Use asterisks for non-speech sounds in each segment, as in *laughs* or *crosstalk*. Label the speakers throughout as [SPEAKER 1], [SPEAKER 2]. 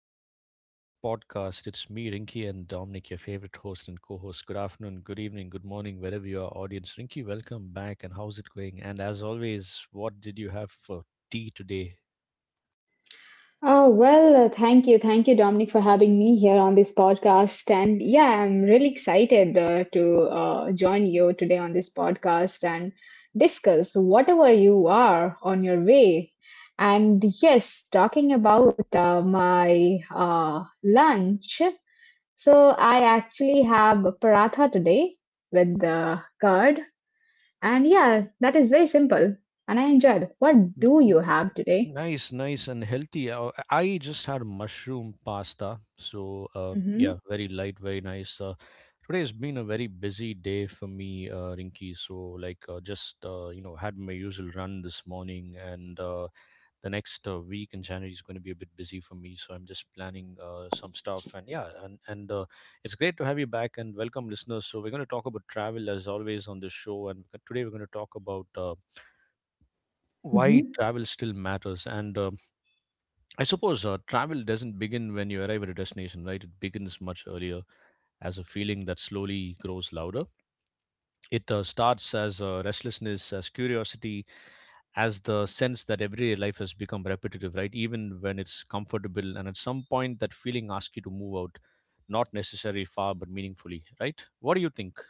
[SPEAKER 1] to the Travel Podcast. It's me, Rinky, and Dominic, your favorite host and co host. Good afternoon, good evening, good morning, wherever you are, audience. Rinky, welcome back, and how's it going? And as always, what did you have for tea today?
[SPEAKER 2] Oh, well, thank you. Thank you, Dominic, for having me here on this podcast. And yeah, I'm really excited to join you today on this podcast and discuss whatever you are on your way. And yes, talking about my lunch. So I actually have paratha today with the curd. And yeah, that is very simple. And I enjoyed. What
[SPEAKER 1] N-
[SPEAKER 2] do you have today?
[SPEAKER 1] Nice, nice, and healthy. I just had mushroom pasta, so yeah,
[SPEAKER 2] Mm-hmm.
[SPEAKER 1] very light, very nice. Today has been a very busy day for me, Rinky. So, had my usual run this morning, and the next week in January is going to be a bit busy for me, so I'm just planning some stuff. And yeah, and it's great to have you back, and welcome, listeners. So we're going to talk about travel as always on this show, and today we're going to talk about why travel still matters. And I suppose travel doesn't begin when you arrive at a destination, right? It begins much earlier, as a feeling that slowly grows louder. It starts as restlessness, as curiosity, as the sense that everyday life has become repetitive, right? Even when it's comfortable. And at some point, that feeling asks you to move out, not necessarily far, but meaningfully, right? What do you think?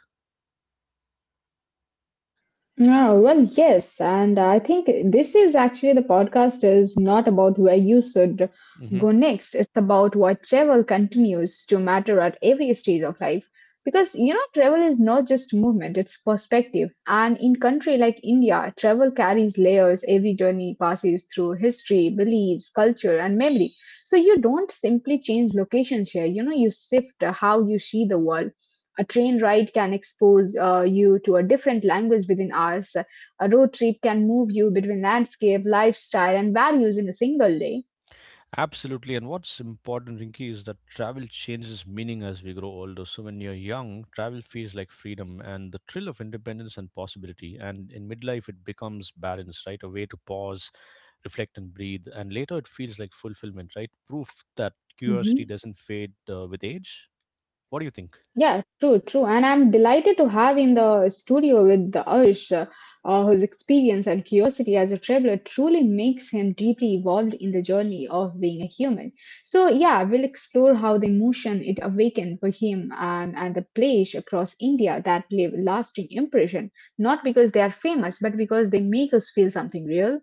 [SPEAKER 2] No, well, yes, and I think this is actually the podcast is not about where you should
[SPEAKER 1] hmm
[SPEAKER 2] go next. It's about what travel continues to matter at every stage of life. Because you know, travel is not just movement, it's perspective. And in country like India, travel carries layers. Every journey passes through history, beliefs, culture, and memory. So you don't simply change locations here. You know, you shift how you see the world. A train ride can expose you to a different language within hours. A road trip can move you between landscape, lifestyle, and values in a single day.
[SPEAKER 1] Absolutely. And what's important, Rinky, is that travel changes meaning as we grow older. So when you're young, travel feels like freedom and the thrill of independence and possibility. And in midlife, it becomes balance, right? A way to pause, reflect, and breathe. And later, it feels like fulfillment, right? Proof that curiosity
[SPEAKER 2] Mhm.
[SPEAKER 1] doesn't fade with age. What do you think?
[SPEAKER 2] Yeah, true, true. And I'm delighted to have in the studio with the Arsh, whose experience and curiosity as a traveler truly makes him deeply involved in the journey of being a human. So, yeah, we'll explore how the emotion it awakened for him and, the place across India that leave lasting impression, not because they are famous, but because they make us feel something real.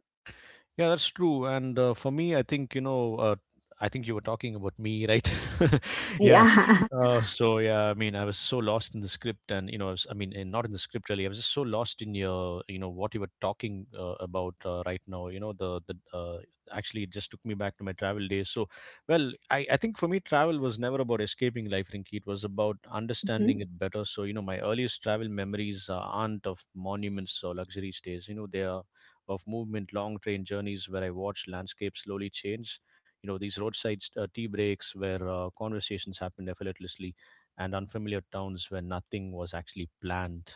[SPEAKER 1] Yeah, that's true. And for me, I think, I think you were talking about me, right? *laughs* Yeah.
[SPEAKER 2] Yeah.
[SPEAKER 1] So, yeah, I mean, I was so lost in the script and, you know, I, was, I mean, in, not in the script really. I was just so lost in your, you know, what you were talking about right now. You know, actually, it just took me back to my travel days. So, well, I think for me, travel was never about escaping life, Rinky. It was about understanding
[SPEAKER 2] *laughs*
[SPEAKER 1] it better. So, you know, my earliest travel memories aren't of monuments or luxury stays. You know, they are of movement, long train journeys where I watched landscapes slowly change. You know, these roadside tea breaks where conversations happened effortlessly, and unfamiliar towns where nothing was actually planned.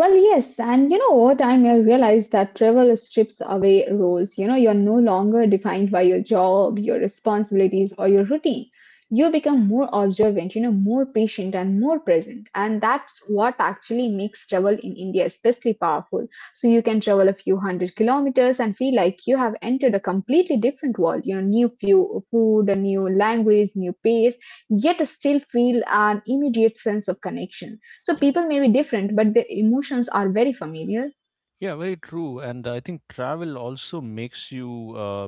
[SPEAKER 2] Well, yes, and you know, over time, I realized that travel strips away roles. You know, you're no longer defined by your job, your responsibilities, or your routine. You become more observant, you know, more patient and more present. And that's what actually makes travel in India especially powerful. So you can travel a few hundred kilometers and feel like you have entered a completely different world, you know, new food, a new language, new pace, yet still feel an immediate sense of connection so people may be different, but their emotions are very familiar.
[SPEAKER 1] Yeah, very true. And I think travel also makes you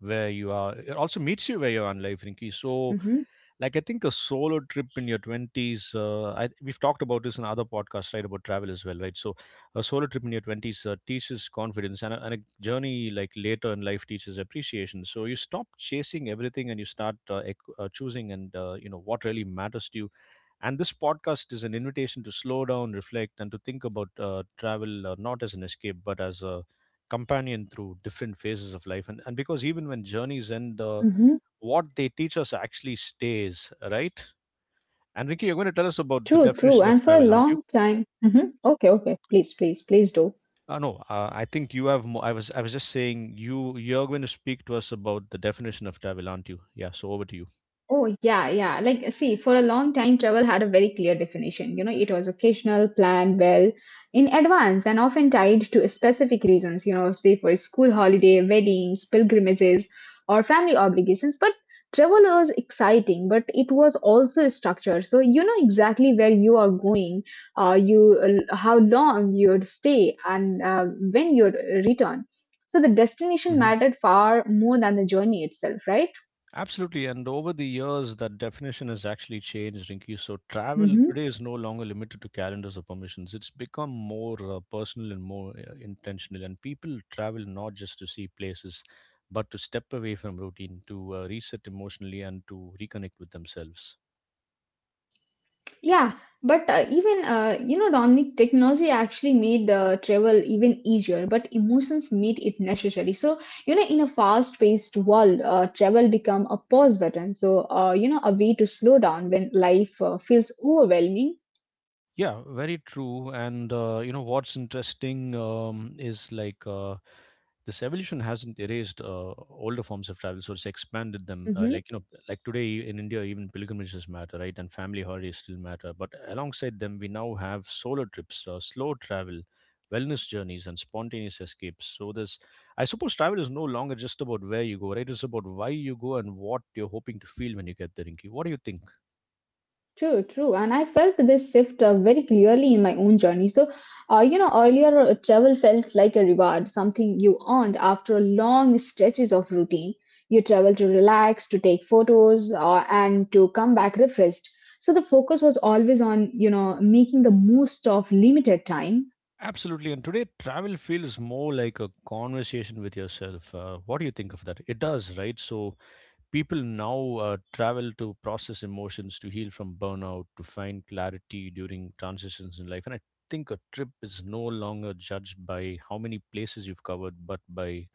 [SPEAKER 1] where you are. It also meets you where you are in life, Rinki. So,
[SPEAKER 2] Hmm.
[SPEAKER 1] like, I think a solo trip in your 20s, we've talked about this in other podcasts, right, about travel as well, right? So a solo trip in your 20s teaches confidence, and a journey like later in life teaches appreciation. So you stop chasing everything, and you start choosing, and you know what really matters to you. And this podcast is an invitation to slow down, reflect, and to think about travel not as an escape but as a companion through different phases of life. And Because even when journeys end,
[SPEAKER 2] Mm-hmm.
[SPEAKER 1] what they teach us actually stays, right? And Ricky, you're
[SPEAKER 2] True,
[SPEAKER 1] going to tell
[SPEAKER 2] true.
[SPEAKER 1] us
[SPEAKER 2] And for
[SPEAKER 1] about
[SPEAKER 2] a
[SPEAKER 1] the
[SPEAKER 2] long
[SPEAKER 1] definition of
[SPEAKER 2] time.
[SPEAKER 1] travel, aren't you?
[SPEAKER 2] Mm-hmm. Okay, okay. Please, please, please do.
[SPEAKER 1] No, I think you have. I was just saying you. You're going to speak to us about the definition of travel, aren't you? Yeah. So over to
[SPEAKER 2] Oh, yeah, yeah. Like, see, for a long time, travel had a very clear definition. You know, it was occasional, planned well in advance, and often tied to specific reasons, you know, say for a school holiday, weddings, pilgrimages, or family obligations. But travel was exciting, but it was also structured. So you know exactly where you are going, you how long you'd stay, and when you'd return. So the destination
[SPEAKER 1] you.
[SPEAKER 2] mattered far more than the journey itself, right?
[SPEAKER 1] Absolutely, and over the years, that definition has actually changed, Rinky. So, travel
[SPEAKER 2] Mm-hmm.
[SPEAKER 1] today is no longer limited to calendars or permissions. It's become more personal and more intentional. And people travel not just to see places, but to step away from routine, to reset emotionally, and to reconnect with themselves.
[SPEAKER 2] Yeah, but even you know, Dominic, technology actually made travel even easier, but emotions made it necessary. So you know, in a fast-paced world, travel become a pause button. So you know, a way to slow down when life feels overwhelming.
[SPEAKER 1] Yeah, very true. And you know what's interesting, is like. This evolution hasn't erased older forms of travel. So it's expanded them,
[SPEAKER 2] Mhm.
[SPEAKER 1] like, you know, like today in India, even pilgrimages matter, right? And family holidays still matter, but alongside them we now have solo trips, slow travel, wellness journeys, and spontaneous escapes. So this, I suppose, travel is no longer just about where you go, right? It's about why you go and what you're hoping to feel when you get there, Inky. What do you think?
[SPEAKER 2] True, true. And I felt this shift very clearly in my own journey. So, you know, earlier travel felt like a reward, something you earned after long stretches of routine. You travel to relax, to take photos, and to come back refreshed. So the focus was always on, you know, making the most of limited time.
[SPEAKER 1] Absolutely, and today travel feels more like a conversation with yourself, what do you think of that? It does, right? So people now travel to process emotions, to heal from burnout, to find clarity during transitions in life. And I think a trip is no longer judged by how many places you've covered, but by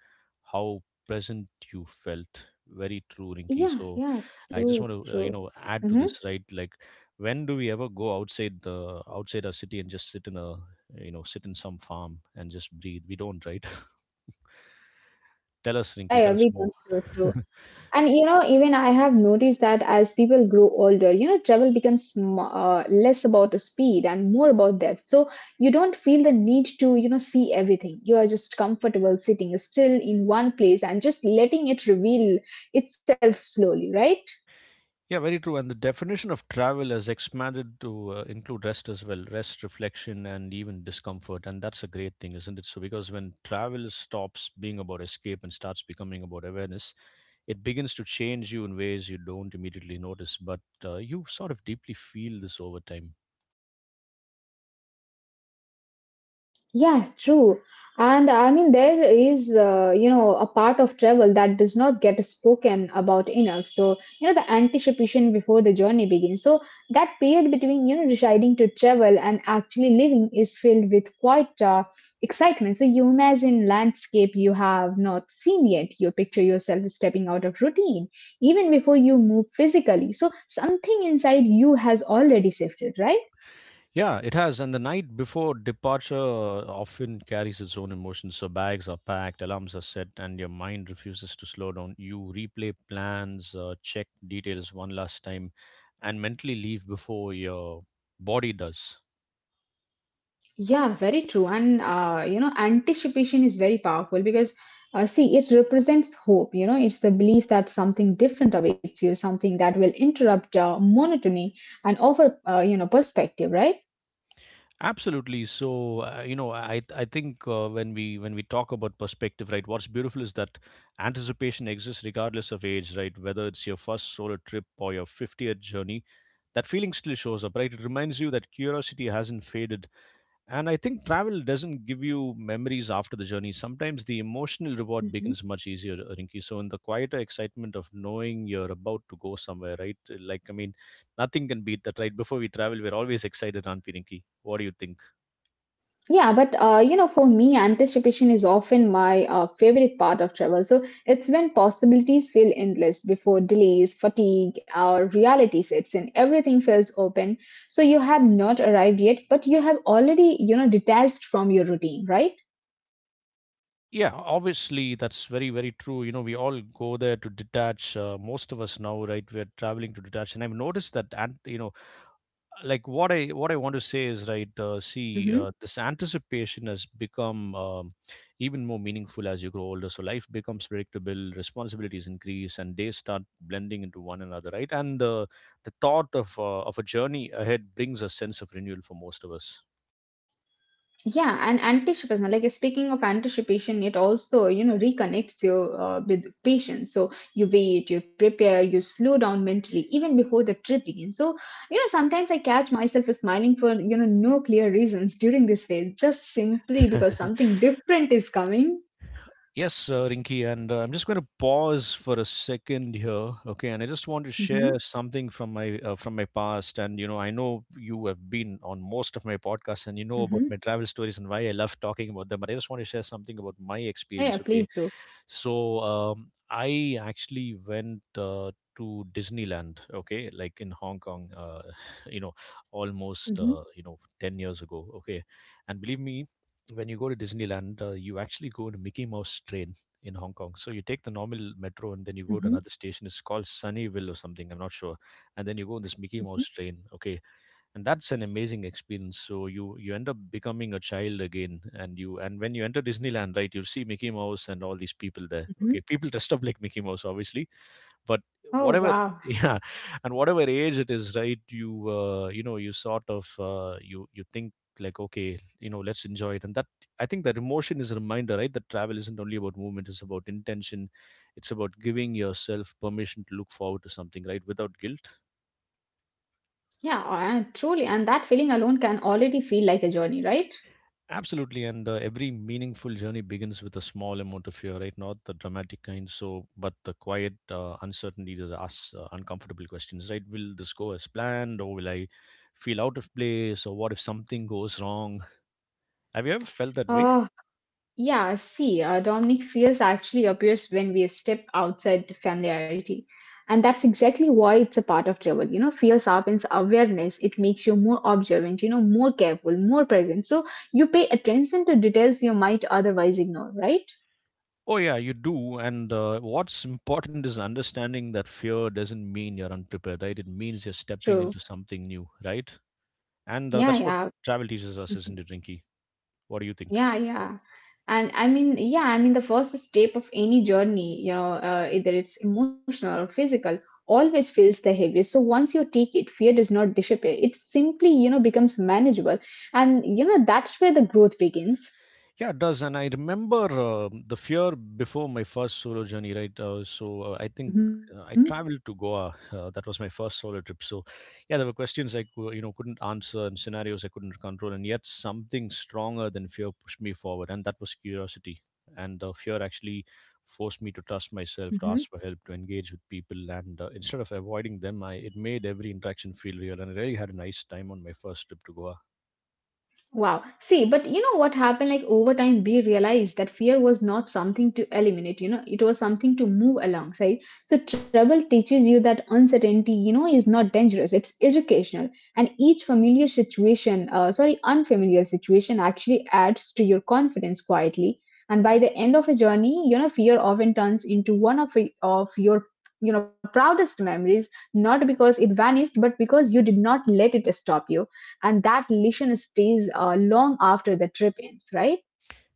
[SPEAKER 1] how present you felt. Very true, Rinki.
[SPEAKER 2] Yeah,
[SPEAKER 1] So
[SPEAKER 2] yeah,
[SPEAKER 1] I
[SPEAKER 2] true,
[SPEAKER 1] just want to,
[SPEAKER 2] true.
[SPEAKER 1] you know, add to
[SPEAKER 2] Mm-hmm.
[SPEAKER 1] this, right? Like, when do we ever go outside the outside our city and just sit in a, you know, sit in some farm and just breathe? We don't, right? *laughs* Tell us,
[SPEAKER 2] Yeah,
[SPEAKER 1] Rinki.
[SPEAKER 2] yeah,
[SPEAKER 1] Tell us
[SPEAKER 2] we
[SPEAKER 1] more.
[SPEAKER 2] don't, true, true.
[SPEAKER 1] *laughs*
[SPEAKER 2] And you know, even I have noticed that as people grow older, you know, travel becomes less about the speed and more about depth. So you don't feel the need to, you know, see everything. You are just comfortable sitting still in one place and just letting it reveal itself slowly, right?
[SPEAKER 1] Yeah, very true. And the definition of travel has expanded to include rest as well, rest, reflection, and even discomfort. And that's a great thing, isn't it? So, because when travel stops being about escape and starts becoming about awareness, it begins to change you in ways you don't immediately notice, but you sort of deeply feel this over time.
[SPEAKER 2] Yeah, true. And I mean, there is, you know, a part of travel that does not get spoken about enough. So, you know, the anticipation before the journey begins. So, that period between, you know, deciding to travel and actually living is filled with quite excitement. So, you imagine landscape you have not seen yet. You picture yourself stepping out of routine even before you move physically. So, something inside you has already shifted, right?
[SPEAKER 1] Yeah, it has. And the night before departure often carries its own emotions. So bags are packed, alarms are set, and your mind refuses to slow down. You replay plans, check details one last time, and mentally leave before your body does.
[SPEAKER 2] Yeah, very true. And, you know, anticipation is very powerful because, see, it represents hope. You know, it's the belief that something different awaits you, something that will interrupt monotony and offer, you know, perspective, right?
[SPEAKER 1] Absolutely. So, you know, I think, when we talk about perspective, right? What's beautiful is that anticipation exists regardless of age, right? Whether it's your first solo trip or your 50th journey, that feeling still shows up, right? It reminds you that curiosity hasn't faded. And I think travel doesn't give you memories after the journey. Sometimes the emotional reward
[SPEAKER 2] Mhm.
[SPEAKER 1] begins much easier, Rinki. So, in the quieter excitement of knowing you're about to go somewhere, right? I mean, nothing can beat that, right? Before we travel, we're always excited, aren't we, Rinki? What do you think?
[SPEAKER 2] Yeah, but you know, for me, anticipation is often my favorite part of travel. So it's when possibilities feel endless before delays, fatigue, or reality sets in. Everything feels open. So you have not arrived yet, but you have already, you know, detached from your routine, right?
[SPEAKER 1] Yeah, obviously, that's very, very true. You know, we all go there to detach. Most of us now, right? We're traveling to detach. And I've noticed that. And, you know, like, what I want to say is, right, see
[SPEAKER 2] Hmm.
[SPEAKER 1] this anticipation has become, even more meaningful as you grow older. So life becomes predictable, responsibilities increase, and days start blending into one another, right? And the thought of, of a journey ahead brings a sense of renewal for most of us.
[SPEAKER 2] Yeah, and anticipation, like speaking of anticipation, it also, you know, reconnects you with patience. So you wait, you prepare, you slow down mentally even before the trip begins. So, you know, sometimes I catch myself smiling for, you know, no clear reasons during this phase, just simply because something different is coming.
[SPEAKER 1] Yes, Rinki, and I'm just going to pause for a second here, okay? And I just want to share
[SPEAKER 2] Mm-hmm,
[SPEAKER 1] something from my past. And you know, I know you have been on most of my podcasts, and you know about
[SPEAKER 2] mm-hmm.
[SPEAKER 1] my travel stories and why I love talking about them. But I just want to share something about my
[SPEAKER 2] Yeah, yeah,
[SPEAKER 1] experience, okay?
[SPEAKER 2] please do.
[SPEAKER 1] So I actually went to Disneyland, okay, like in Hong Kong, *laughs* you know, almost,
[SPEAKER 2] Mm-hmm,
[SPEAKER 1] you know, 10 years ago, okay. And believe me, when you go to Disneyland, you actually go to Mickey Mouse train in Hong Kong. So you take the normal metro and then you go to
[SPEAKER 2] mm-hmm,
[SPEAKER 1] another station. It's called Sunnyville or something. I'm not sure. And then you go on this Mickey
[SPEAKER 2] mm-hmm,
[SPEAKER 1] Mouse train. Okay, and that's an amazing experience. So you end up becoming a child again, and you, and when you enter Disneyland, right, you'll see Mickey Mouse and all these people there.
[SPEAKER 2] mm-hmm.
[SPEAKER 1] Okay, people dressed up like Mickey Mouse, obviously, but
[SPEAKER 2] Oh,
[SPEAKER 1] whatever.
[SPEAKER 2] wow.
[SPEAKER 1] *laughs* Yeah. And whatever age it is, right, you, you know you sort of, you think like, okay, you know, let's enjoy it. And that, I think, that emotion is a reminder, right, that travel isn't only about movement. It's about intention. It's about giving yourself permission to look forward to something, right, without guilt.
[SPEAKER 2] Yeah, truly. And that feeling alone can already feel like a journey, right?
[SPEAKER 1] Absolutely, and every meaningful journey begins with a small amount of fear, right? Not the dramatic kind, so, but the quiet uncertainty that asks uncomfortable questions, right? Will this go as planned, or will I feel out of place, or what if something goes wrong? Have you ever felt that way?
[SPEAKER 2] Oh, yeah, see, Dominic, fears actually appears when we step outside the familiarity. And that's exactly why it's a part of travel. You know, fear sharpens awareness. It makes you more observant, you know, more careful, more present. So you pay attention to details you might otherwise ignore, right?
[SPEAKER 1] Oh yeah, you do. And what's important is understanding that fear doesn't mean you're unprepared, right? It means you're stepping
[SPEAKER 2] True.
[SPEAKER 1] into something new, right? And
[SPEAKER 2] Yeah,
[SPEAKER 1] That's what
[SPEAKER 2] yeah.
[SPEAKER 1] travel teaches us, isn't it, Rinky? What do you think?
[SPEAKER 2] Yeah, yeah. And I mean, yeah, I mean, the first step of any journey, you know, either it's emotional or physical, always feels the heaviest. So once you take it, fear does not disappear. It simply, you know, becomes manageable. And, you know, that's where the growth begins.
[SPEAKER 1] Yeah, it does. And I remember the fear before my first solo journey, right?
[SPEAKER 2] Hmm.
[SPEAKER 1] I traveled to Goa. That was my first solo trip. So yeah, there were questions I couldn't answer and scenarios I couldn't control, and yet something stronger than fear pushed me forward, and that was curiosity. And the fear actually forced me to trust myself, to ask for help, to engage with people, and instead of avoiding them, I it made every interaction feel real. And I really had a nice time on my first trip to Goa.
[SPEAKER 2] Wow. See, but you know what happened? Like over time, we realized that fear was not something to eliminate, you know, it was something to move alongside. So, travel teaches you that uncertainty, you know, is not dangerous, it's educational. And each unfamiliar situation actually adds to your confidence quietly. And by the end of a journey, you know, fear often turns into one of your, you know, proudest memories, not because it vanished, but because you did not let it stop you and that lesion stays long after the trip ends, right?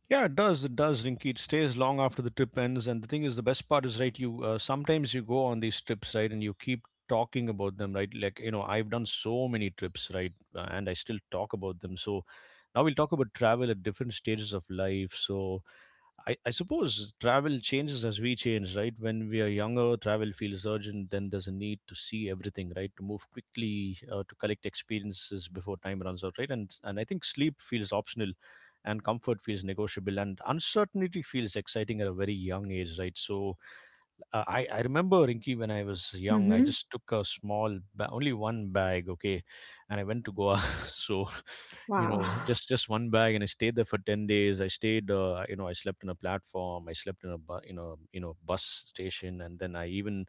[SPEAKER 1] Yeah, it does. It does, Rinky. It stays long after the trip ends. And the thing is, the best part is, right, you sometimes you go on these trips, right, and you keep talking about them, right? Like, you know, I've done so many trips, right, and I still talk about them. So now we'll talk about travel at different stages of life. So, I suppose travel changes as we change, right? When we are younger, travel feels urgent. Then there's a need to see everything, right? To move quickly, to collect experiences before time runs out, right? And I think sleep feels optional, and comfort feels negotiable, and uncertainty feels exciting at a very young age, right? So I remember Rinky when I was young, I
[SPEAKER 2] Mm-hmm.
[SPEAKER 1] just took a only one bag, okay, and I went to Goa. *laughs* So, you
[SPEAKER 2] Wow.
[SPEAKER 1] know, just one bag, and I stayed there for 10 days. I stayed, I slept in a platform, I slept in a, bus station, and then I even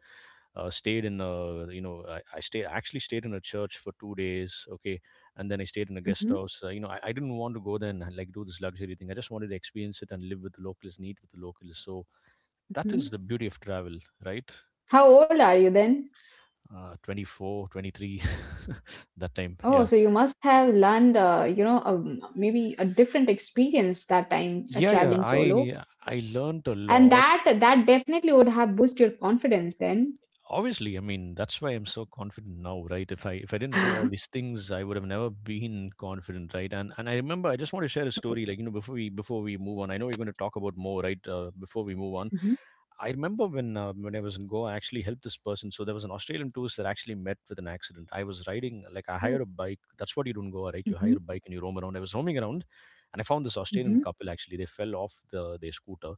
[SPEAKER 1] stayed in a, you know, I stayed actually stayed in a church for 2 days, okay, and then I stayed in a guest
[SPEAKER 2] Hmm.
[SPEAKER 1] house. I didn't want to go there and like do this luxury thing. I just wanted to experience it and live with the locals, and eat with the locals. So that
[SPEAKER 2] Hmm.
[SPEAKER 1] is the beauty of travel, right?
[SPEAKER 2] How old are you then?
[SPEAKER 1] uh, 24 23 *laughs* that time.
[SPEAKER 2] Oh,
[SPEAKER 1] Yeah.
[SPEAKER 2] so you must have learned, you know, maybe a different experience that time
[SPEAKER 1] yeah yeah
[SPEAKER 2] traveling solo,
[SPEAKER 1] i i learned a
[SPEAKER 2] and
[SPEAKER 1] lot.
[SPEAKER 2] that definitely would have boosted your confidence then.
[SPEAKER 1] Obviously, I mean that's why I'm so confident now, right? If I didn't do all these things I would have never been confident, right? And I remember, I just want to share a story, like, you know, before we move on. I know we're going to talk about more, right? Before we move on,
[SPEAKER 2] Hmm.
[SPEAKER 1] I remember when I was in Goa, I actually helped this person. So there was an Australian tourist that actually met with an accident. I was riding like I hired a
[SPEAKER 2] Oh.
[SPEAKER 1] bike. That's what you do in Goa, right? You hire a
[SPEAKER 2] Hmm.
[SPEAKER 1] bike and you roam around. I was roaming around, and I found this Australian
[SPEAKER 2] Hmm.
[SPEAKER 1] couple. Actually, they fell off their scooter.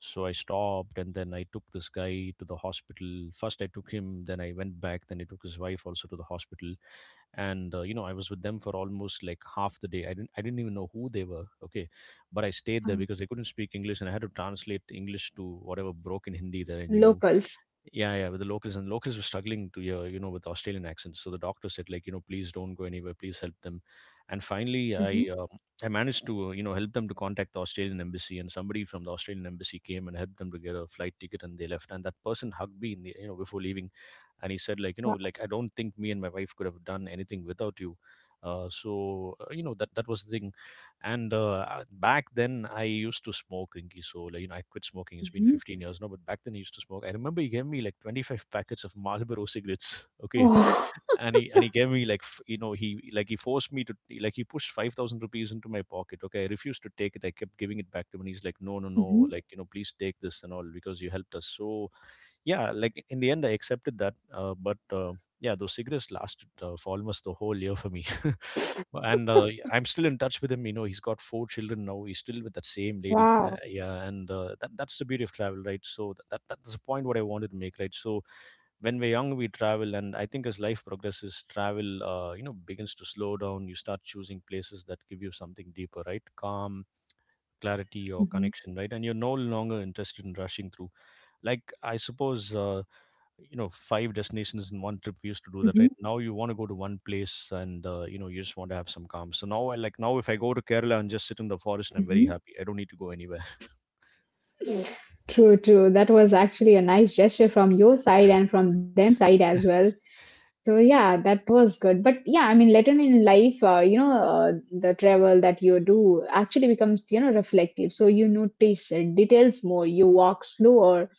[SPEAKER 1] So I stopped, and then I took this guy to the hospital. First, I took him. Then I went back. Then I took his wife also to the hospital, and you know, I was with them for almost like half the day. I didn't even know who they were, okay, but I stayed there
[SPEAKER 2] Um,
[SPEAKER 1] because they couldn't speak English and I had to translate English to whatever broken Hindi that I knew.
[SPEAKER 2] Locals.
[SPEAKER 1] Yeah, yeah, with the locals, and locals were struggling to hear, you know, with Australian accents, so the doctor said, like, you know, please don't go anywhere, please help them. And finally
[SPEAKER 2] Hmm.
[SPEAKER 1] I managed to you know, help them to contact the Australian embassy, and somebody from the Australian embassy came and helped them to get a flight ticket, and they left, and that person hugged me in the, you know, before leaving, and he said, like, you know,
[SPEAKER 2] Wow.
[SPEAKER 1] like, I don't think me and my wife could have done anything without you. You know, that that was the thing. And back then I used to smoke, Rinky, so, like, you know, I quit smoking, it's been
[SPEAKER 2] Hmm.
[SPEAKER 1] 15 years now, but back then I used to smoke. I remember he gave me like 25 packets of Marlboro cigarettes. *laughs* Okay.
[SPEAKER 2] Oh.
[SPEAKER 1] And he gave me like he forced me to, like, he pushed 5,000 rupees into my pocket, okay, I refused to take it, I kept giving it back to him, and he's like, no, no, no,
[SPEAKER 2] Hmm.
[SPEAKER 1] like, you know, please take this and all because you helped us. So yeah, like, in the end I accepted that. But yeah, those cigarettes lasted for almost the whole year for me. *laughs* And yeah, I'm still in touch with him, you know, he's got four children now, he's still with that same lady.
[SPEAKER 2] Wow.
[SPEAKER 1] Yeah. And that's the beauty of travel, right? So that's the point what I wanted to make, right? So when we're young, we travel, and I think as life progresses, travel you know, begins to slow down. You start choosing places that give you something deeper, right? Calm, clarity, or
[SPEAKER 2] Hmm.
[SPEAKER 1] connection, right? And you're no longer interested in rushing through. Like, I suppose you know, five destinations in one trip, we used to do that, right? Now you want to go to one place and you know, you just want to have some calm. So now, I like, now if I go to Kerala and just sit in the forest, I'm very
[SPEAKER 2] Hmm.
[SPEAKER 1] happy, I don't need to go anywhere.
[SPEAKER 2] True, true. That was actually a nice gesture from your side and from them side as well.
[SPEAKER 1] *laughs*
[SPEAKER 2] So yeah, that was good. But yeah, I mean, later in life, the travel that you do actually becomes, you know, reflective. So you notice details more. You walk slower.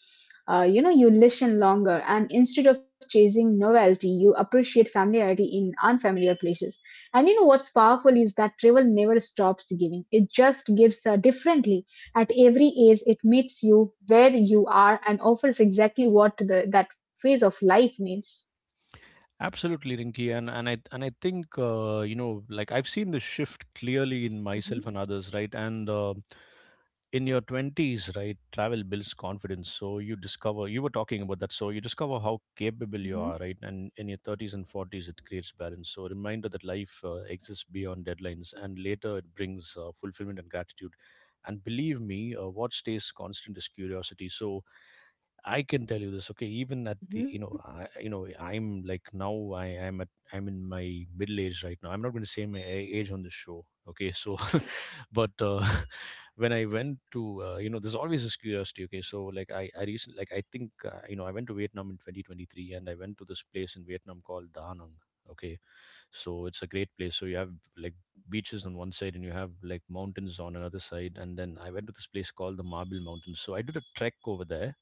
[SPEAKER 2] You know, you listen longer, and instead of chasing novelty, you appreciate familiarity in unfamiliar places. And you know what's powerful is that travel never stops giving. It just gives differently at every age. It meets you where you are and offers exactly what the that phase of life needs.
[SPEAKER 1] Absolutely, Rinki, and I think you know, like I've seen the shift clearly in myself
[SPEAKER 2] Mhm.
[SPEAKER 1] and others, right? And in your twenties, right, travel builds confidence. So you discover, you were talking about that. So you discover how capable you
[SPEAKER 2] Mhm,
[SPEAKER 1] are, right? And in your thirties and forties, it creates balance. So a reminder that life exists beyond deadlines, and later it brings fulfillment and gratitude. And believe me, what stays constant is curiosity. So I can tell you this, okay, even at the, you
[SPEAKER 2] mhm,
[SPEAKER 1] know, I, you know, I'm like now I am at, I'm in my middle age right now. I'm not going to say my age on this show. Okay. So *laughs* but *laughs* when I went to you know, there's always this curiosity. Okay, so like I recently, like I think you know, I went to Vietnam in 2023, and I went to this place in Vietnam called Da Nang. Okay, so it's a great place. So you have like beaches on one side, and you have like mountains on another side. And then I went to this place called the Marble Mountains. So I did a trek over there,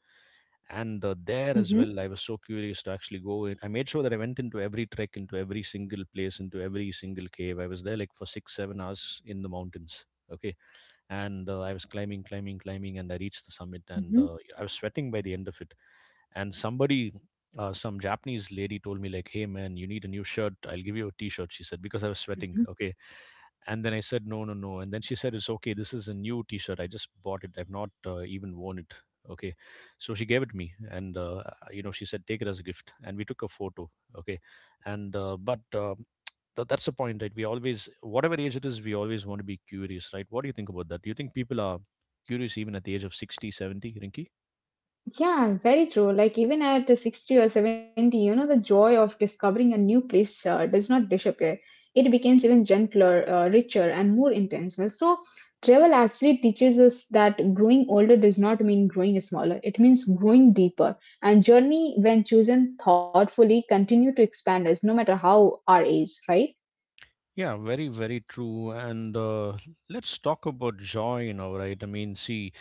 [SPEAKER 1] and there as
[SPEAKER 2] mhm,
[SPEAKER 1] well, I was so curious to actually go in. I made sure that I went into every trek, into every single place, into every single cave. I was there like for 6 7 hours in the mountains, okay. And I was climbing climbing, and I reached the summit,
[SPEAKER 2] mhm,
[SPEAKER 1] and I was sweating by the end of it, and somebody, some Japanese lady told me, like, hey man, you need a new shirt, I'll give you a t-shirt, she said, because I was sweating,
[SPEAKER 2] mhm.
[SPEAKER 1] okay. And then I said, no, no, no, and then she said, it's okay, this is a new t-shirt, I just bought it, I've not even worn it, okay. So she gave it me, and you know, she said, take it as a gift, and we took a photo, okay. And that's the point, right? We always, whatever age it is, we always want to be curious, right? What do you think about that? Do you think people are curious even at the age of 60, 70, 70, Rinky?
[SPEAKER 2] Yeah, very true. Like even at 60 or 70, you know, the joy of discovering a new place does not disappear. It becomes even gentler, richer, and more intentional. So travel actually teaches us that growing older does not mean growing smaller. It means growing deeper. And journey, when chosen thoughtfully, continue to expand us, no matter how our age, right?
[SPEAKER 1] Yeah, very very true. And let's talk about joy, you know, right? I mean, see,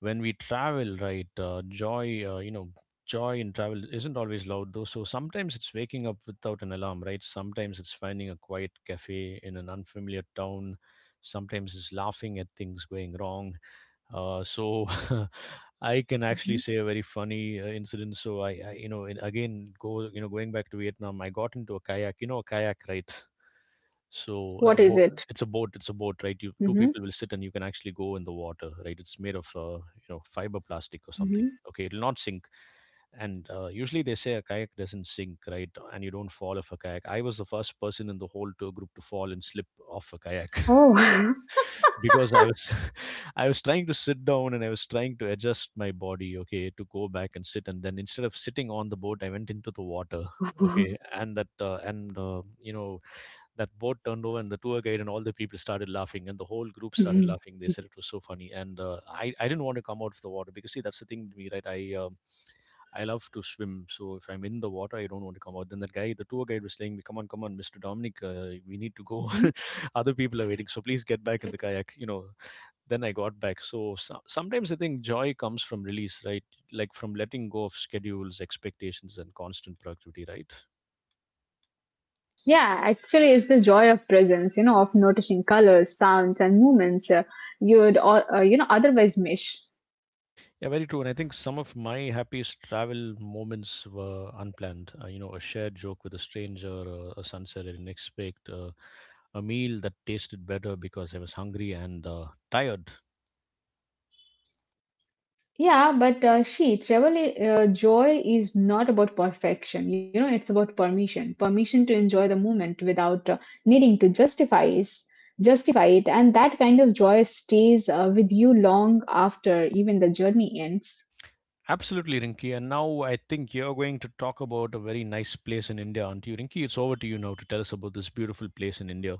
[SPEAKER 1] when we travel, right, joy you know joy in travel isn't always loud though. So sometimes it's waking up without an alarm, right? Sometimes it's finding a quiet cafe in an unfamiliar town. Sometimes it's laughing at things going wrong. uh, so *laughs* I can
[SPEAKER 2] Mhm.
[SPEAKER 1] actually say a very funny incident. So I you know, and again, going back to Vietnam, I got into a kayak. You know, a kayak, right? So a
[SPEAKER 2] What is
[SPEAKER 1] boat,
[SPEAKER 2] it?
[SPEAKER 1] it's a boat, right? You two
[SPEAKER 2] Mm-hmm.
[SPEAKER 1] people will sit and you can actually go in the water, right? It's made of, fiber plastic or something.
[SPEAKER 2] Mm-hmm.
[SPEAKER 1] Okay, it'll not sink. And usually they say a kayak doesn't sink, right? And you don't fall off a kayak. I was the first person in the whole tour group to fall and slip off a kayak.
[SPEAKER 2] Oh.
[SPEAKER 1] *laughs* because I was *laughs* I was trying to sit down and I was trying to adjust my body, okay, to go back and sit. And then instead of sitting on the boat, I went into the water, okay,
[SPEAKER 2] *laughs*
[SPEAKER 1] and that boat turned over and the tour guide and all the people started laughing and the whole group started
[SPEAKER 2] Hmm.
[SPEAKER 1] laughing. They said it was so funny. And I didn't want to come out of the water, because see, that's the thing with me, right? I love to swim, so if I'm in the water I don't want to come out. Then that guy, the tour guide, was saying, "Come on, come on, Mr. Dominic, we need to go. *laughs* Other people are waiting, so please get back in the kayak, then I got back. So sometimes I think joy comes from release, right? Like from letting go of schedules, expectations, and constant productivity, right?
[SPEAKER 2] Yeah, actually, it's the joy of presence, you know, of noticing colors, sounds, and movements you know, otherwise miss.
[SPEAKER 1] Yeah, very true. And I think some of my happiest travel moments were unplanned. A shared joke with a stranger, a sunset I didn't expect, a meal that tasted better because I was hungry and tired.
[SPEAKER 2] Yeah, but joy is not about perfection, you know, it's about permission, permission to enjoy the moment without needing to justify it, and that kind of joy stays with you long after even the journey ends.
[SPEAKER 1] Absolutely, Rinki. And now I think you're going to talk about a very nice place in India, aren't you? Rinki, it's over to you now to tell us about this beautiful place in India.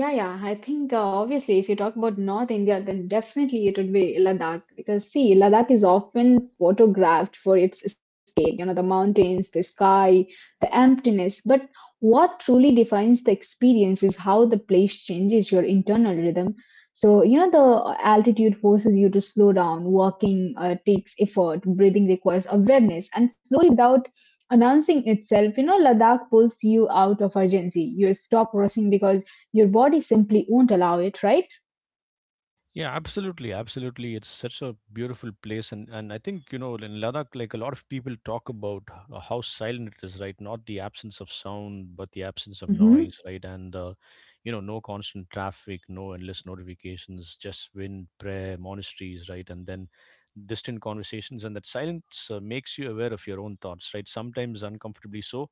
[SPEAKER 2] Yeah, yeah. I think obviously, if you talk about North India, then definitely it would be Ladakh because see, Ladakh is often photographed for its scale, you know, the mountains, the sky, the emptiness. But what truly defines the experience is how the place changes your internal rhythm. So, you know, the altitude forces you to slow down. Walking takes effort, breathing requires awareness, and slowly, without announcing itself, you know, Ladakh pulls you out of urgency. You stop rushing because your body simply won't allow it, right?
[SPEAKER 1] Yeah, absolutely, absolutely. It's such a beautiful place, and I think you know in Ladakh, like a lot of people talk about how silent it is, right? Not the absence of sound, but the absence of
[SPEAKER 2] Mm-hmm.
[SPEAKER 1] noise, right? No constant traffic, no endless notifications, just wind, prayer, monasteries, right? And then distant conversations, and that silence makes you aware of your own thoughts, right? Sometimes uncomfortably so.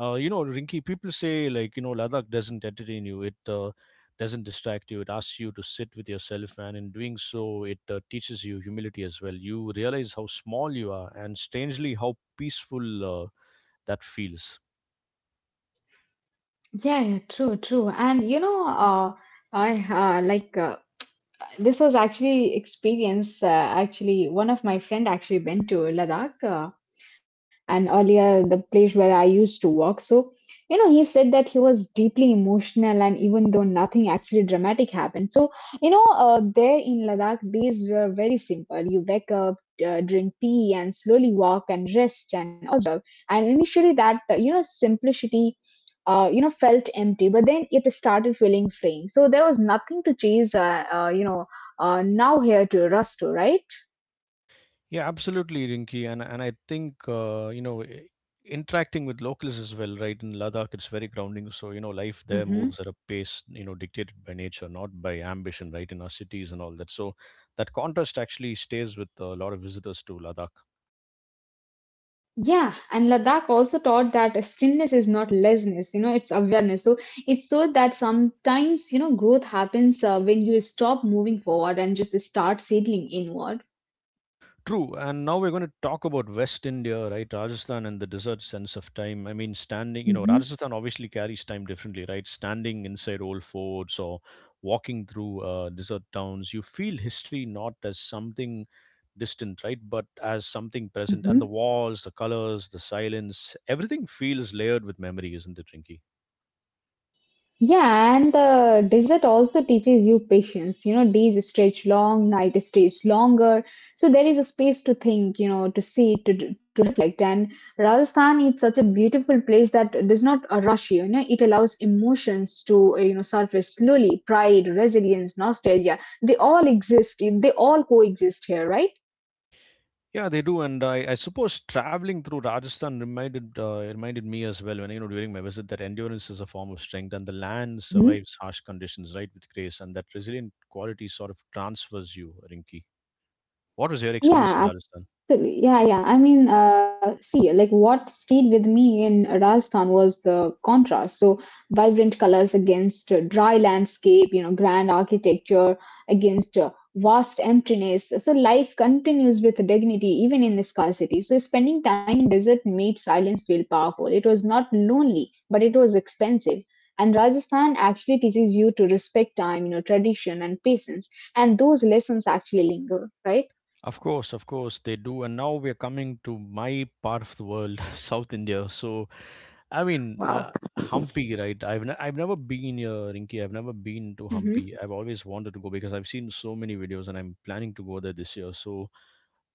[SPEAKER 1] Rinky, people say like you know Ladakh doesn't entertain you. It doesn't distract you. It asks you to sit with yourself, and in doing so, it teaches you humility as well. You realize how small you are, and strangely how peaceful that feels.
[SPEAKER 2] Yeah, yeah, true, true. And you know, I like uh, this was actually experience. Actually, one of my friend actually went to Ladakh, and earlier the place where I used to work. So, you know, he said that he was deeply emotional, and even though nothing actually dramatic happened. So, there in Ladakh, days were very simple. You wake up, drink tea, and slowly walk and rest and initially that simplicity felt empty, but then it started feeling freeing. So there was nothing to chase, now here to rush to, right?
[SPEAKER 1] Yeah, absolutely, Rinki, and I think interacting with locals as well, right? In Ladakh, it's very grounding. So you know, life there
[SPEAKER 2] hmm
[SPEAKER 1] moves at a pace you know dictated by nature, not by ambition, right? In our cities and all that. So that contrast actually stays with a lot of visitors to Ladakh.
[SPEAKER 2] yeah, and Ladakh also taught that stillness is not laziness, you know, it's awareness. So it showed that sometimes, you know, growth happens when you stop moving forward and just start settling inward.
[SPEAKER 1] True. And now we're going to talk about West India, right? Rajasthan and the desert sense of time. I mean, standing, you know,
[SPEAKER 2] hmm
[SPEAKER 1] Rajasthan obviously carries time differently, right? Standing inside old forts or walking through desert towns, you feel history not as something distant, right? But as something present. And the walls, the colors, the silence, everything feels layered with memory, isn't it, Rinky?
[SPEAKER 2] Yeah, and the desert also teaches you patience. You know, days stretch long, night stretch longer. So there is a space to think, you know, to see, to reflect. And Rajasthan is such a beautiful place that does not rush you. You know, it allows emotions to, surface slowly. Pride, resilience, nostalgia. They all exist. They all coexist here, right?
[SPEAKER 1] Yeah, they do, and I suppose traveling through Rajasthan reminded reminded me as well when you know during my visit that endurance is a form of strength, and the land
[SPEAKER 2] hmm
[SPEAKER 1] survives harsh conditions, right, with grace, and that resilient quality sort of transfers you, Rinki. What was your experience in
[SPEAKER 2] Yeah,
[SPEAKER 1] Rajasthan?
[SPEAKER 2] absolutely. Yeah, yeah. I mean, see, like what stayed with me in Rajasthan was the contrast. So vibrant colors against dry landscape, you know, grand architecture against vast emptiness. So life continues with dignity even in the scarcity. So spending time in desert made silence feel powerful. It was not lonely, but it was expensive. And Rajasthan actually teaches you to respect time, you know, tradition and patience. And those lessons actually linger, right?
[SPEAKER 1] Of course, they do, and now we are coming to my part of the world, *laughs* South India. I mean, uh,
[SPEAKER 2] Wow.
[SPEAKER 1] Hampi, right? I've never been here, Rinki. I've never been to
[SPEAKER 2] Mhm.
[SPEAKER 1] Hampi. I've always wanted to go because I've seen so many videos, and I'm planning to go there this year. So.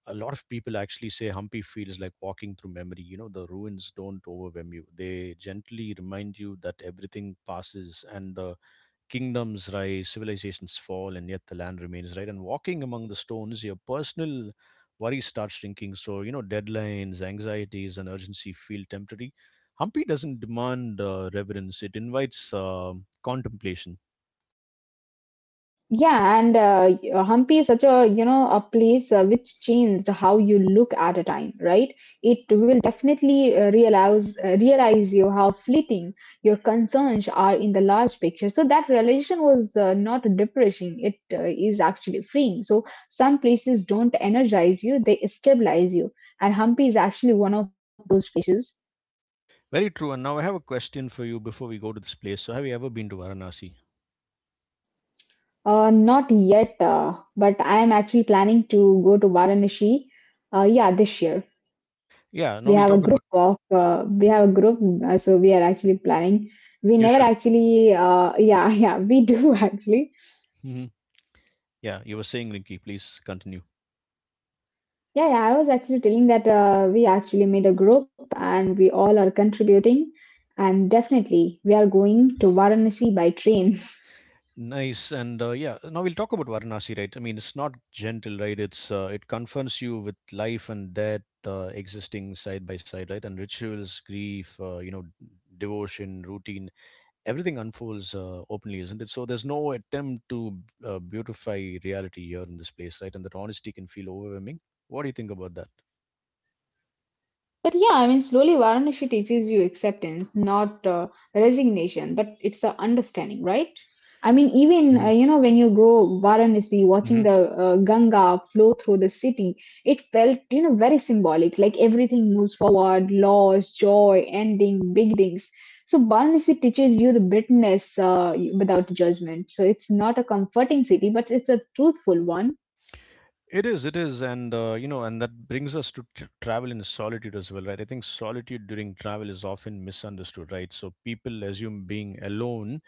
[SPEAKER 1] A lot of people actually say Hampi feels like walking through memory. You know, the ruins don't overwhelm you, they gently remind you that everything passes and kingdoms rise, civilizations fall, and yet the land remains, right? And walking among the stones, your personal worries start shrinking. So, you know, deadlines, anxieties, and urgency feel temporary. Hampi doesn't demand reverence, it invites contemplation.
[SPEAKER 2] Yeah, and Hampi is such a, you know, a place which changed how you look at a time, right? It will definitely realize you how fleeting your concerns are in the large picture. So that realization was not depressing; it is actually freeing. So some places don't energize you; they stabilize you, and Hampi is actually one of those places.
[SPEAKER 1] Very true. And now I have a question for you before we go to this place. So, have you ever been to Varanasi?
[SPEAKER 2] Not yet, but I am actually planning to go to Varanasi. Yeah, this year.
[SPEAKER 1] Yeah,
[SPEAKER 2] We
[SPEAKER 1] now we'll
[SPEAKER 2] have a
[SPEAKER 1] talk about.
[SPEAKER 2] group of we have a group so we are actually planning, we
[SPEAKER 1] You
[SPEAKER 2] never
[SPEAKER 1] should.
[SPEAKER 2] actually, yeah *laughs* yeah, we do *laughs* actually.
[SPEAKER 1] Hmm. Yeah, you were saying, Rinki. Please continue.
[SPEAKER 2] Yeah, yeah, I was actually telling that we actually made a group and we all are contributing, and definitely we are going to varanasi by train.
[SPEAKER 1] Nice, and yeah, now we'll talk about Varanasi, right? I mean, it's not gentle, right? It confronts you with life and death existing side by side, right? And rituals, grief, devotion, routine, everything unfolds openly, isn't it? So there's no attempt to beautify reality here in this place, right? And that honesty can feel overwhelming. What do you think about that?
[SPEAKER 2] But yeah, I mean, slowly Varanasi teaches you acceptance, not resignation, but it's a understanding, right? I mean, even
[SPEAKER 1] Mm-hmm.
[SPEAKER 2] you know, when you go Varanasi, watching the Ganga flow through the city, it felt, you know, very symbolic. Like everything moves forward, loss, joy, ending, beginnings. So Varanasi teaches you the bitterness without judgment. So it's not a comforting city, but it's a truthful one.
[SPEAKER 1] It is, and and that brings us to tr travel in solitude as well, right? I think solitude during travel is often misunderstood, right? So people assume being alone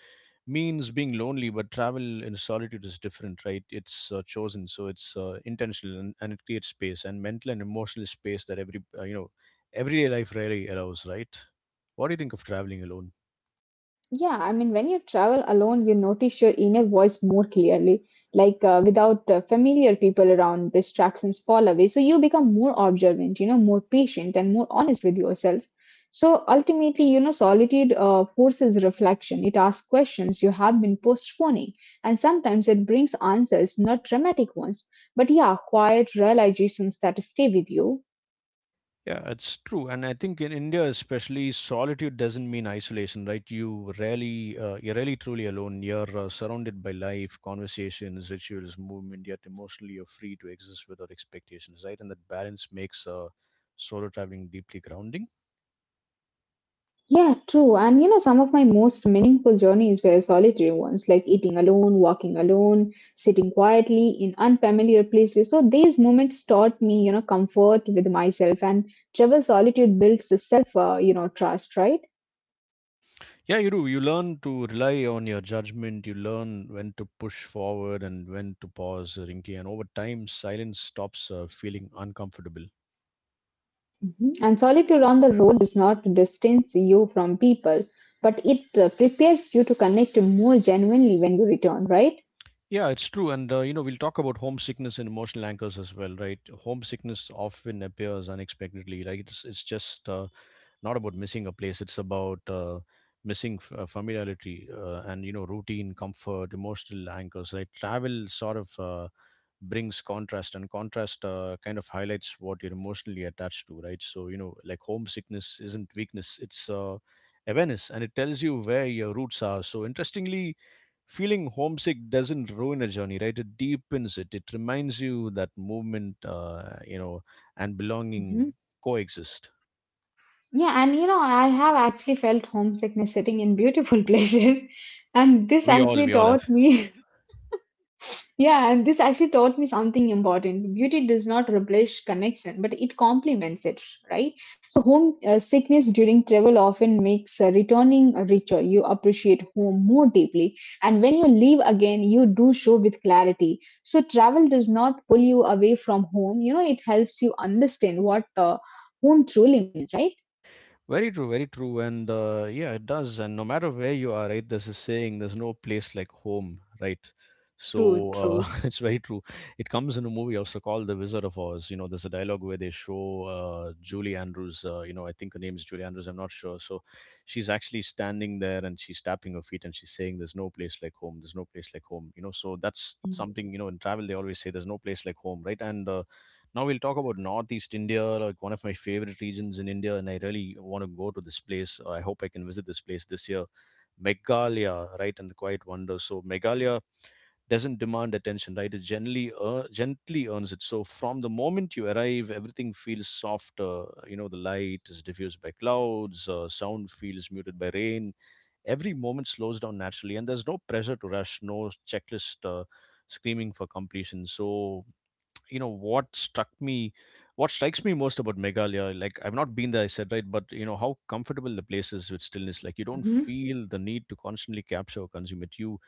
[SPEAKER 1] means being lonely, but travel in solitude is different, right? It's chosen, so it's intentional, and it creates space and mental and emotional space that everyday life rarely allows, right? What do you think of traveling alone?
[SPEAKER 2] Yeah, I mean, when you travel alone, you notice your inner voice more clearly. Like without familiar people around, distractions fall away. So you become more observant, you know, more patient and more honest with yourself. So ultimately, you know, solitude forces reflection. It asks questions you have been postponing. And sometimes it brings answers, not dramatic ones, but yeah, quiet realizations that stay with you.
[SPEAKER 1] Yeah, it's true. And I think in India, especially, solitude doesn't mean isolation, right? You're really truly alone. You're surrounded by life, conversations, rituals, movement, yet emotionally you're free to exist without expectations, right? And that balance makes solo traveling deeply grounding.
[SPEAKER 2] Yeah, true. And you know, some of my most meaningful journeys were solitary ones, like eating alone, walking alone, sitting quietly in unfamiliar places. So these moments taught me, you know, comfort with myself, and travel solitude builds the self, trust, right?
[SPEAKER 1] Yeah, you do. You learn to rely on your judgment. You learn when to push forward and when to pause, Rinki. And over time, silence stops feeling uncomfortable.
[SPEAKER 2] Mhm. And solitude on the road does not distance you from people, but it prepares you to connect more genuinely when you return, right?
[SPEAKER 1] Yeah, it's true. We'll talk about homesickness and emotional anchors as well, right? Homesickness often appears unexpectedly. Like, it's just not about missing a place, it's about familiarity and you know routine, comfort, emotional anchors, right? Travel sort of brings contrast, and contrast kind of highlights what you're emotionally attached to, right? So you know, like, homesickness isn't weakness, it's awareness, and it tells you where your roots are. So interestingly, feeling homesick doesn't ruin a journey, right? It deepens it. It reminds you that movement and belonging
[SPEAKER 2] Mhm.
[SPEAKER 1] coexist.
[SPEAKER 2] Yeah, and you know, I have actually felt homesickness sitting in beautiful *laughs* places. And this
[SPEAKER 1] we all
[SPEAKER 2] actually
[SPEAKER 1] we all have.
[SPEAKER 2] taught me, *laughs* yeah, and this actually taught me something important. Beauty does not replace connection, but it complements it, right? So, home sickness during travel often makes returning richer. You appreciate home more deeply. And when you leave again, you do so with clarity. So, travel does not pull you away from home. You know, it helps you understand what home truly means, right?
[SPEAKER 1] Very true, and yeah, it does. And no matter where you are, right? There's a saying, "There's no place like home," right?
[SPEAKER 2] True,
[SPEAKER 1] So
[SPEAKER 2] true.
[SPEAKER 1] *laughs* it's very true. It comes in a movie also called The Wizard of Oz. You know, there's a dialogue where they show Julie Andrews. I think her name is Julie Andrews. I'm not sure. So she's actually standing there and she's tapping her feet and she's saying, "There's no place like home. There's no place like home." You know, so that's something. You know, in travel they always say, "There's no place like home," right? And now we'll talk about Northeast India, like one of my favorite regions in India, and I really want to go to this place. I hope I can visit this place this year. Meghalaya, right, and the Quiet Wonder. So Meghalaya doesn't demand attention, right? It gently earns it. So from the moment you arrive, everything feels softer. You know, the light is diffused by clouds, sound feels muted by rain. Every moment slows down naturally, and there's no pressure to rush, no checklist screaming for completion. So you know what strikes me most about Meghalaya, like I've not been there, I said, right? But you know how comfortable the place is with stillness. Like you don't
[SPEAKER 2] Mm-hmm.
[SPEAKER 1] feel the need to constantly capture or consume it. You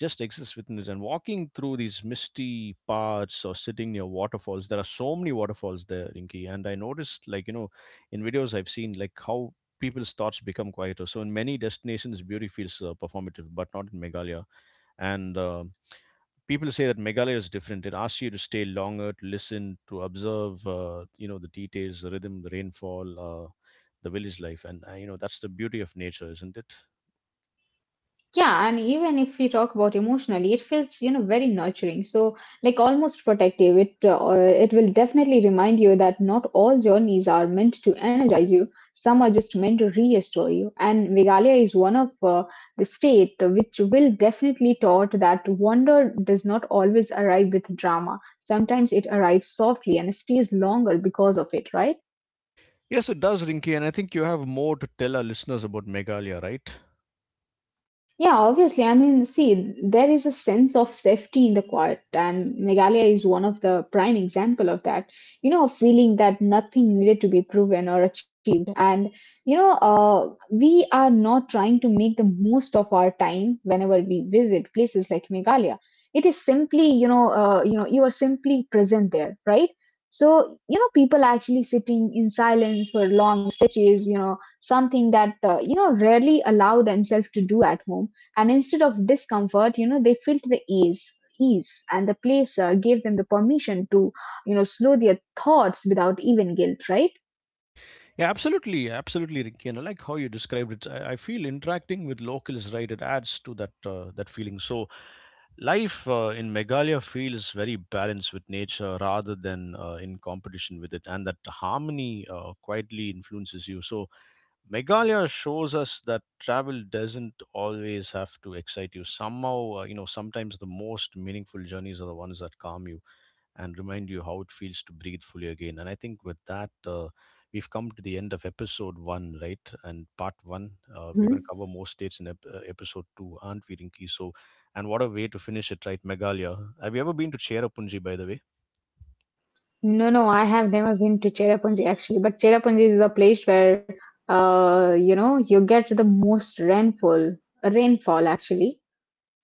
[SPEAKER 1] just exist within it. And walking through these misty paths or sitting near waterfalls, there are so many waterfalls there, Rinki. And I noticed, like you know, in videos I've seen, like how people's thoughts become quieter. So in many destinations, beauty feels performative, but not in Meghalaya. And people say that Meghalaya is different. It asks you to stay longer, to listen, to observe, the details, the rhythm, the rainfall, the village life, and that's the beauty of nature, isn't it?
[SPEAKER 2] Yeah, and even if we talk about emotionally, it feels, you know, very nurturing. So like almost protective. It it will definitely remind you that not all journeys are meant to energize you. Some are just meant to restore you. And Meghalaya is one of the state which will definitely taught that wonder does not always arrive with drama. Sometimes it arrives softly and stays longer because of it, right?
[SPEAKER 1] Yes, it does, Rinki, and I think you have more to tell our listeners about Meghalaya, right?
[SPEAKER 2] Yeah, obviously. I mean, see, there is a sense of safety in the quiet, and Meghalaya is one of the prime example of that. You know, a feeling that nothing needed to be proven or achieved, and we are not trying to make the most of our time whenever we visit places like Meghalaya. It is simply, you know, you are simply present there, right? So, you know, people actually sitting in silence for long stretches, you know, something that you know, rarely allow themselves to do at home, and instead of discomfort, you know, they felt the ease and the place gave them the permission to, you know, slow their thoughts without even guilt, right?
[SPEAKER 1] Yeah, absolutely, absolutely, Ricky. And I like how you described it. I feel interacting with locals, right? It adds to that that feeling. So life in Meghalaya feels very balanced with nature rather than in competition with it, and that harmony quietly influences you. So Meghalaya shows us that travel doesn't always have to excite you. Somehow, sometimes the most meaningful journeys are the ones that calm you and remind you how it feels to breathe fully again. And I think with that, we've come to the end of episode one, right? And part one, we're
[SPEAKER 2] hmm
[SPEAKER 1] going to cover more states in episode two, aren't we, Rinki? So, and what a way to finish it, right, Meghalaya? Have you ever been to Cherrapunji, by the way?
[SPEAKER 2] No, no, I have never been to Cherrapunji actually, but Cherrapunji is a place where, you know, you get the most rainfall actually,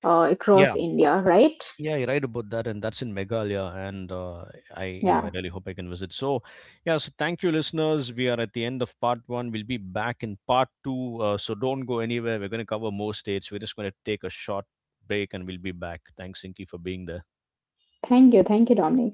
[SPEAKER 2] across
[SPEAKER 1] Yeah.
[SPEAKER 2] India, right?
[SPEAKER 1] Yeah, you're right about that, and that's in Meghalaya, and I, you know,
[SPEAKER 2] Yeah.
[SPEAKER 1] I really hope I can visit. So, yeah, so thank you, listeners. We are at the end of part one. We'll be back in part two, so don't go anywhere. We're going to cover more states. We're just going to take a short break, and we'll be back. Thanks, Inky, for being there.
[SPEAKER 2] Thank you, Dominic.